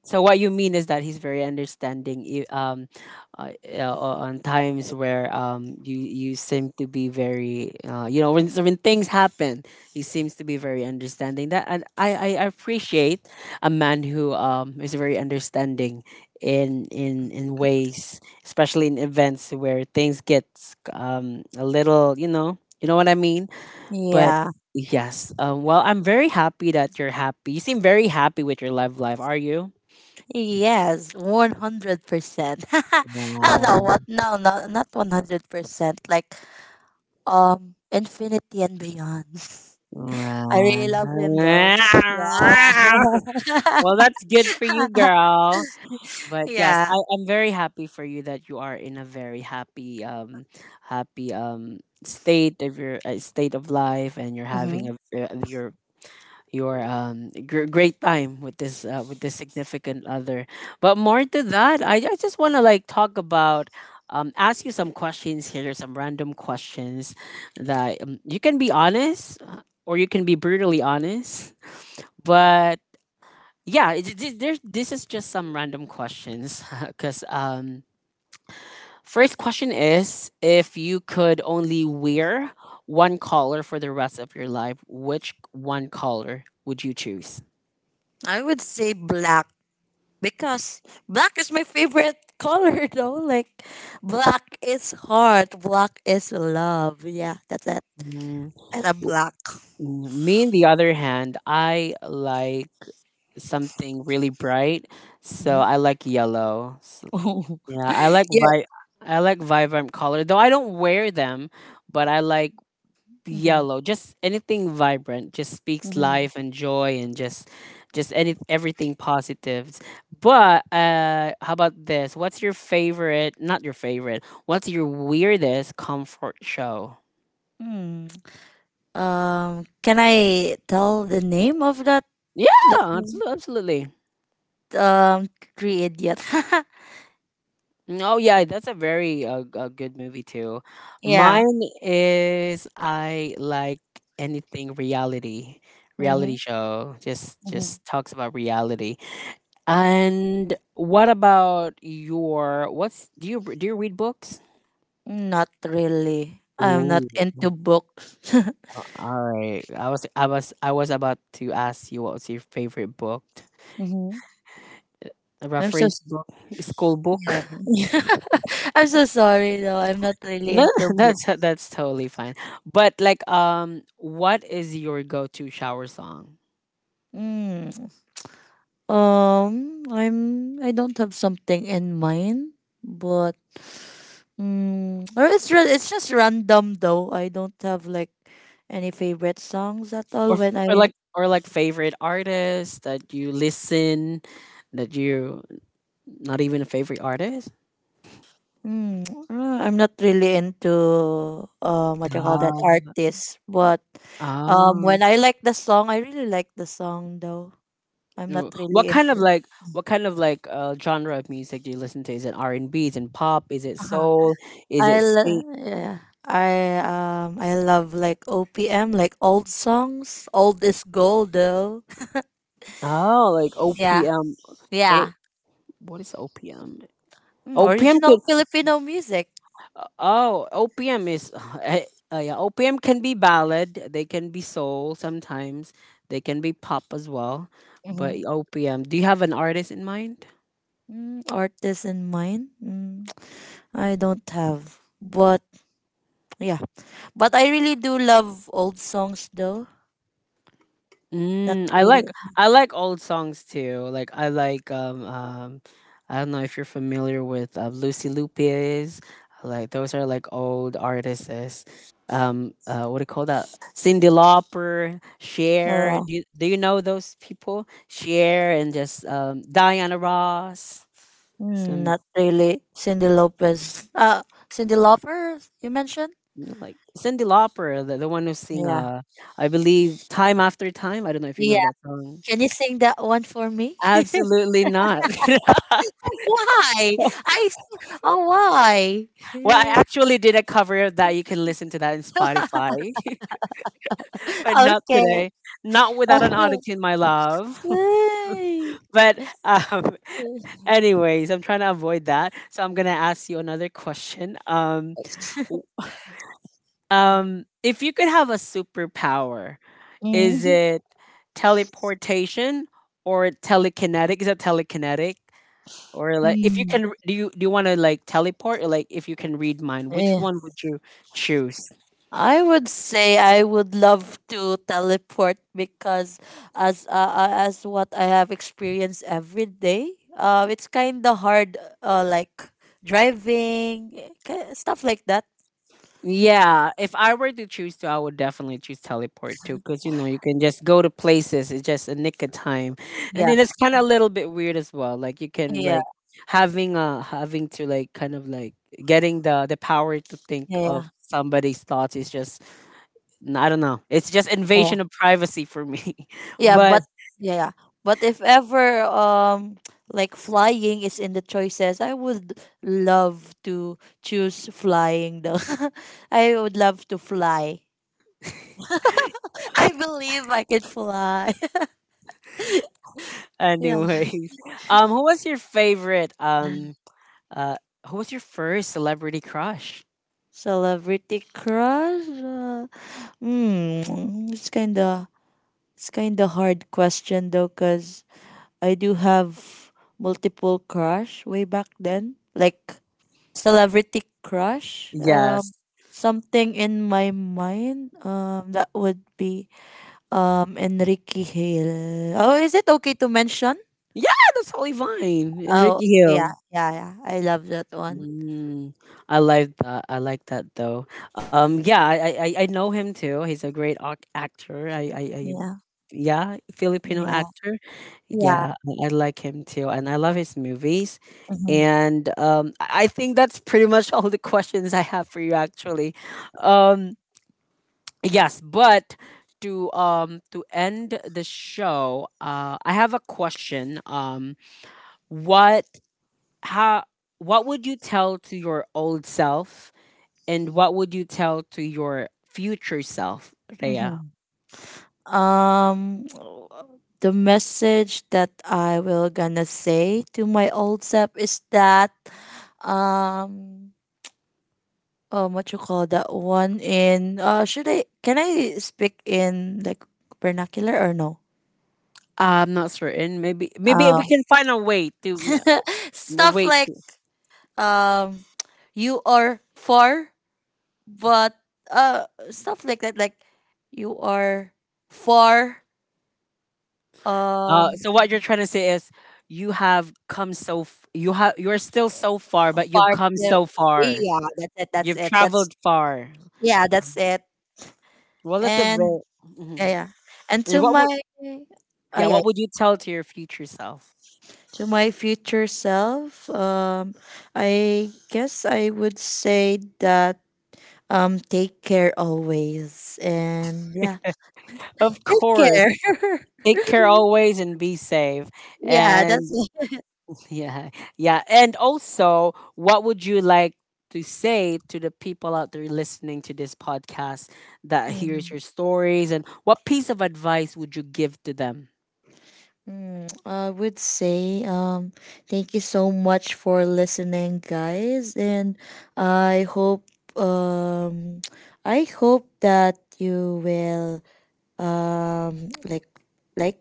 Speaker 1: So what you mean is that he's very understanding. I- Um, uh, e, uh, on times where um you you seem to be very uh you know when so when things happen, he seems to be very understanding. That, and I I appreciate a man who um is very understanding in in in ways, especially in events where things get um a little you know you know what I mean. But
Speaker 2: yeah.
Speaker 1: yes, um, well I'm very happy that you're happy. You seem very happy with your love life. Are you?
Speaker 2: Yes, one hundred percent. I know what? No, no, not one hundred percent. Like, um, Infinity and Beyond. I really love him though. Yeah.
Speaker 1: Well, that's good for you, girl. But yes, I
Speaker 2: Yeah.
Speaker 1: am very happy for you that you are in a very happy, um, happy um state of your uh, state of life, and you're having
Speaker 2: Hmm.
Speaker 1: a ve- you're your um gr- great time with this uh, with this significant other. But more to that i, I just want to like talk about um ask you some questions here, some random questions that um, you can be honest uh, or you can be brutally honest, but yeah it, it, there's, this is just some random questions because um first question is if you could only wear one color for the rest of your life, which one color would you choose?
Speaker 2: I would say black, because black is my favorite color though. Like, black is heart, black is love. Yeah, that's it.
Speaker 1: Mm.
Speaker 2: And I'm
Speaker 1: W-
Speaker 2: black.
Speaker 1: mm, Me, on the other hand, I like something really bright, so
Speaker 2: Hmm.
Speaker 1: I like yellow. S- yeah, I like
Speaker 2: Yeah.
Speaker 1: vi I like vibrant color, though I don't wear them, but I like
Speaker 2: Mm-hmm.
Speaker 1: yellow. Just anything vibrant, just speaks
Speaker 2: Mm-hmm.
Speaker 1: life and joy, and just just any everything positives. But uh, how about this? What's your favorite? Not your favorite. What's your weirdest comfort show?
Speaker 2: Hmm. Um, can I tell the name of that? Let
Speaker 1: Yeah,
Speaker 2: me,
Speaker 1: abso- absolutely.
Speaker 2: um, three idiot.
Speaker 1: Oh yeah, that's a very uh, g- uh, good movie too.
Speaker 2: Yeah.
Speaker 1: Mine is I like anything reality,
Speaker 2: Mm-hmm.
Speaker 1: reality show. Just
Speaker 2: Mm-hmm.
Speaker 1: just talks about reality. And what about your what's do you do you read books?
Speaker 2: Not really. I'm not
Speaker 1: Ooh,
Speaker 2: into books.
Speaker 1: all right. I was I was I was about to ask you what's your favorite book,
Speaker 2: Mm-hmm.
Speaker 1: a
Speaker 2: I'm so
Speaker 1: reference
Speaker 2: s-
Speaker 1: book, school
Speaker 2: yeah.
Speaker 1: book.
Speaker 2: I'm so sorry though. I'm not really
Speaker 1: No,
Speaker 2: into books.
Speaker 1: that's that's totally fine. But like, um, what is your go-to shower song,
Speaker 2: Mm. Um, I'm I don't have something in mind, but mm, or it's ra- it's just random though. I don't have like any favorite songs at all.
Speaker 1: or
Speaker 2: When
Speaker 1: or
Speaker 2: I
Speaker 1: like or like favorite artist that you listen, that you not even a favorite artist?
Speaker 2: mm, uh, I'm not really into um what you call that
Speaker 1: Ah,
Speaker 2: artist, but um
Speaker 1: ah.
Speaker 2: when I like the song, I really like the song though. I'm not
Speaker 1: No.
Speaker 2: really
Speaker 1: What kind of
Speaker 2: into.
Speaker 1: like what kind of like uh genre of music do you listen to? Is it R and B? Is it pop? Is it soul? Is
Speaker 2: I
Speaker 1: it sing?
Speaker 2: lo- yeah. I um I love like O P M, like old songs. Old is gold though.
Speaker 1: Oh, like
Speaker 2: Yeah.
Speaker 1: O P M. What
Speaker 2: Yeah.
Speaker 1: do- what is OPM?
Speaker 2: Mm,
Speaker 1: OPM
Speaker 2: original
Speaker 1: could
Speaker 2: Filipino music.
Speaker 1: Oh, OPM is eh, uh, yeah, O P M can be ballad, they can be soul sometimes, they can be pop as well. But
Speaker 2: Mm-hmm.
Speaker 1: O P M, do you have an artist in mind?
Speaker 2: Mm, artist in mind? Mm, I don't have. But yeah. But I really do love old songs though. Not
Speaker 1: Mm, I
Speaker 2: really.
Speaker 1: like I like old songs too. Like I like um um I don't know if you're familiar with uh, Lucy Lupis. Like those are like old artists. Um uh what do you call that? Cindy Lauper, Cher.
Speaker 2: Uh,
Speaker 1: Do you, do you know those people? Cher and just um Diana Ross.
Speaker 2: mm,
Speaker 1: Some
Speaker 2: not really. Cindy Lopez. Uh, Cindy Lauper, you mentioned?
Speaker 1: You know, like Cindy Lauper, the, the one who sing
Speaker 2: Yeah.
Speaker 1: uh I believe Time After Time. I don't know if you
Speaker 2: Yeah.
Speaker 1: know that song.
Speaker 2: Can you sing that one for me?
Speaker 1: Absolutely not.
Speaker 2: Why? I s- oh why?
Speaker 1: Well, I actually did a cover of that. You can listen to that in Spotify, but not
Speaker 2: Okay.
Speaker 1: today. Not without an auto tune, my love.
Speaker 2: Why?
Speaker 1: but um, Anyways, I'm trying to avoid that. So I'm gonna ask you another question. Um, w- um, if you could have a superpower, is
Speaker 2: Mm,
Speaker 1: it teleportation or telekinetic? Is that telekinetic? Or like, if you
Speaker 2: mm.
Speaker 1: can, do you do you want to like teleport, or like if you can read mind, which
Speaker 2: Eh,
Speaker 1: one would you choose?
Speaker 2: I would say I would love to teleport because as uh, uh, as what I have experienced every day, uh, it's kind of hard, uh, like driving, eh, ki- stuff like that.
Speaker 1: Yeah, if I were to choose to, I would definitely choose teleport too, because you know you can just go to places. It's just a nick of time, and
Speaker 2: Yeah,
Speaker 1: then it's kind of a little bit weird as well. Like you can
Speaker 2: yeah,
Speaker 1: like having uh having to like kind of like getting the the power to think of
Speaker 2: yeah,
Speaker 1: somebody's thoughts is just n- I don't know. It's just
Speaker 2: yeah.
Speaker 1: invasion of privacy for me.
Speaker 2: Yeah,
Speaker 1: but
Speaker 2: but yeah, yeah. But if ever um like flying is in the choices, I would love to choose flying though. I would love to fly. I believe I could fly. Yeah.
Speaker 1: Anyways, um, who was your favorite um uh who was your first celebrity crush?
Speaker 2: Celebrity crush. Uh, hmm, it's kind of it's kind of hard question though, cuz I do have multiple crush way back then. Like celebrity crush.
Speaker 1: Yes.
Speaker 2: Um, something in my mind. Um, that would be um Enrique Hale. Oh, is it okay to mention?
Speaker 1: Yeah, that's Holly Vine and
Speaker 2: Oh,
Speaker 1: Ricky
Speaker 2: yeah,
Speaker 1: Hill.
Speaker 2: yeah, yeah. I love that one.
Speaker 1: Mm, I like that. I like that though. Um, yeah, I, I I I know him too. He's a great ac- actor. I, I I
Speaker 2: Yeah,
Speaker 1: Yeah, Filipino
Speaker 2: yeah,
Speaker 1: actor.
Speaker 2: yeah.
Speaker 1: Yeah, I, I like him too, and I love his movies.
Speaker 2: Hmm.
Speaker 1: And um, I I think that's pretty much all the questions I have for you, actually. Um, yes, but to um to end the show, uh, I have a question. Um, what how what would you tell to your old self, and what would you tell to your future self, Rhea?
Speaker 2: Hmm. Um, the message that I will gonna say to my old self is that um um what you call that one, in uh should I, can I speak in like vernacular or no?
Speaker 1: I'm not certain. Maybe maybe we
Speaker 2: Oh.
Speaker 1: can find a way to m- m-
Speaker 2: Stuff
Speaker 1: wait.
Speaker 2: like um you are far, but uh stuff like that, like you are far,
Speaker 1: Uh
Speaker 2: um
Speaker 1: so what you're trying to say is you have come so f- you have, you're still so far, but you've
Speaker 2: far,
Speaker 1: come
Speaker 2: yeah,
Speaker 1: so far,
Speaker 2: yeah, that's it, that's
Speaker 1: you've
Speaker 2: it, that's
Speaker 1: traveled far.
Speaker 2: yeah, that's it.
Speaker 1: Well, that's a
Speaker 2: And
Speaker 1: very...
Speaker 2: yeah,
Speaker 1: Mhm.
Speaker 2: yeah. And
Speaker 1: And
Speaker 2: to
Speaker 1: what
Speaker 2: my
Speaker 1: would...
Speaker 2: oh
Speaker 1: yeah,
Speaker 2: yeah.
Speaker 1: what would you tell to your future self?
Speaker 2: To my future self, um, I guess I would say that um, take care always. And yeah,
Speaker 1: Of
Speaker 2: take
Speaker 1: course.
Speaker 2: care.
Speaker 1: Take care always and be safe.
Speaker 2: Yeah, that's
Speaker 1: And
Speaker 2: it.
Speaker 1: yeah, yeah. And also, what would you like to say to the people out there listening to this podcast, that hears
Speaker 2: Mm,
Speaker 1: your stories? And what piece of advice would you give to them?
Speaker 2: mm, I would say um thank you so much for listening, guys. And I hope um I hope that you will um like like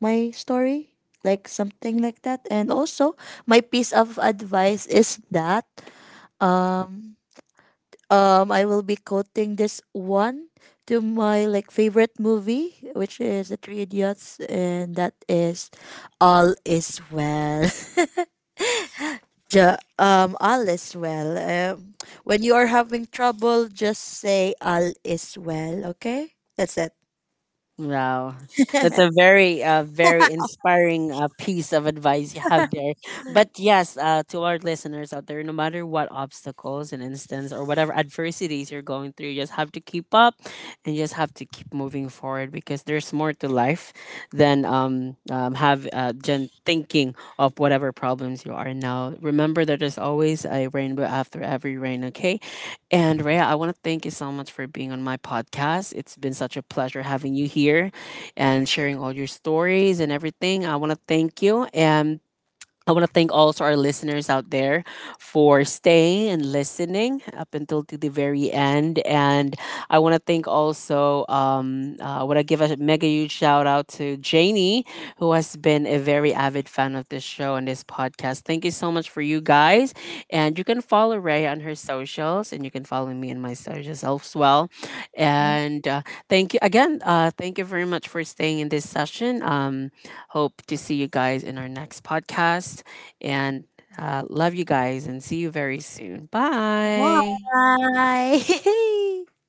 Speaker 2: my story, like something like that. And also my piece of advice is that um um I will be quoting this one to my like favorite movie, which is The Three Idiots. And that is all is well. Ja- um all is well. Um, when you are having trouble, just say all is well, okay? That's it.
Speaker 1: Wow. That's a very, uh, very inspiring uh, piece of advice you have there. But yes, uh, to our listeners out there, no matter what obstacles and instance or whatever adversities you're going through, you just have to keep up and you just have to keep moving forward, because there's more to life than um, um, have uh, Jen thinking of whatever problems you are now. Remember that there's always a rainbow after every rain, okay? And Rhea, I want to thank you so much for being on my podcast. It's been such a pleasure having you here and sharing all your stories and everything. I want to thank you. And I want to thank also our listeners out there for staying and listening up until to the very end. And I want to thank also, um, uh, I want to give a mega huge shout out to Janie, who has been a very avid fan of this show and this podcast. Thank you so much for you guys. And you can follow Ray on her socials, and you can follow me on my socials as well. And uh, thank you again. Uh, thank you very much for staying in this session. Um, Hope to see you guys in our next podcast. And uh, love you guys and see you very soon. Bye.
Speaker 2: Bye.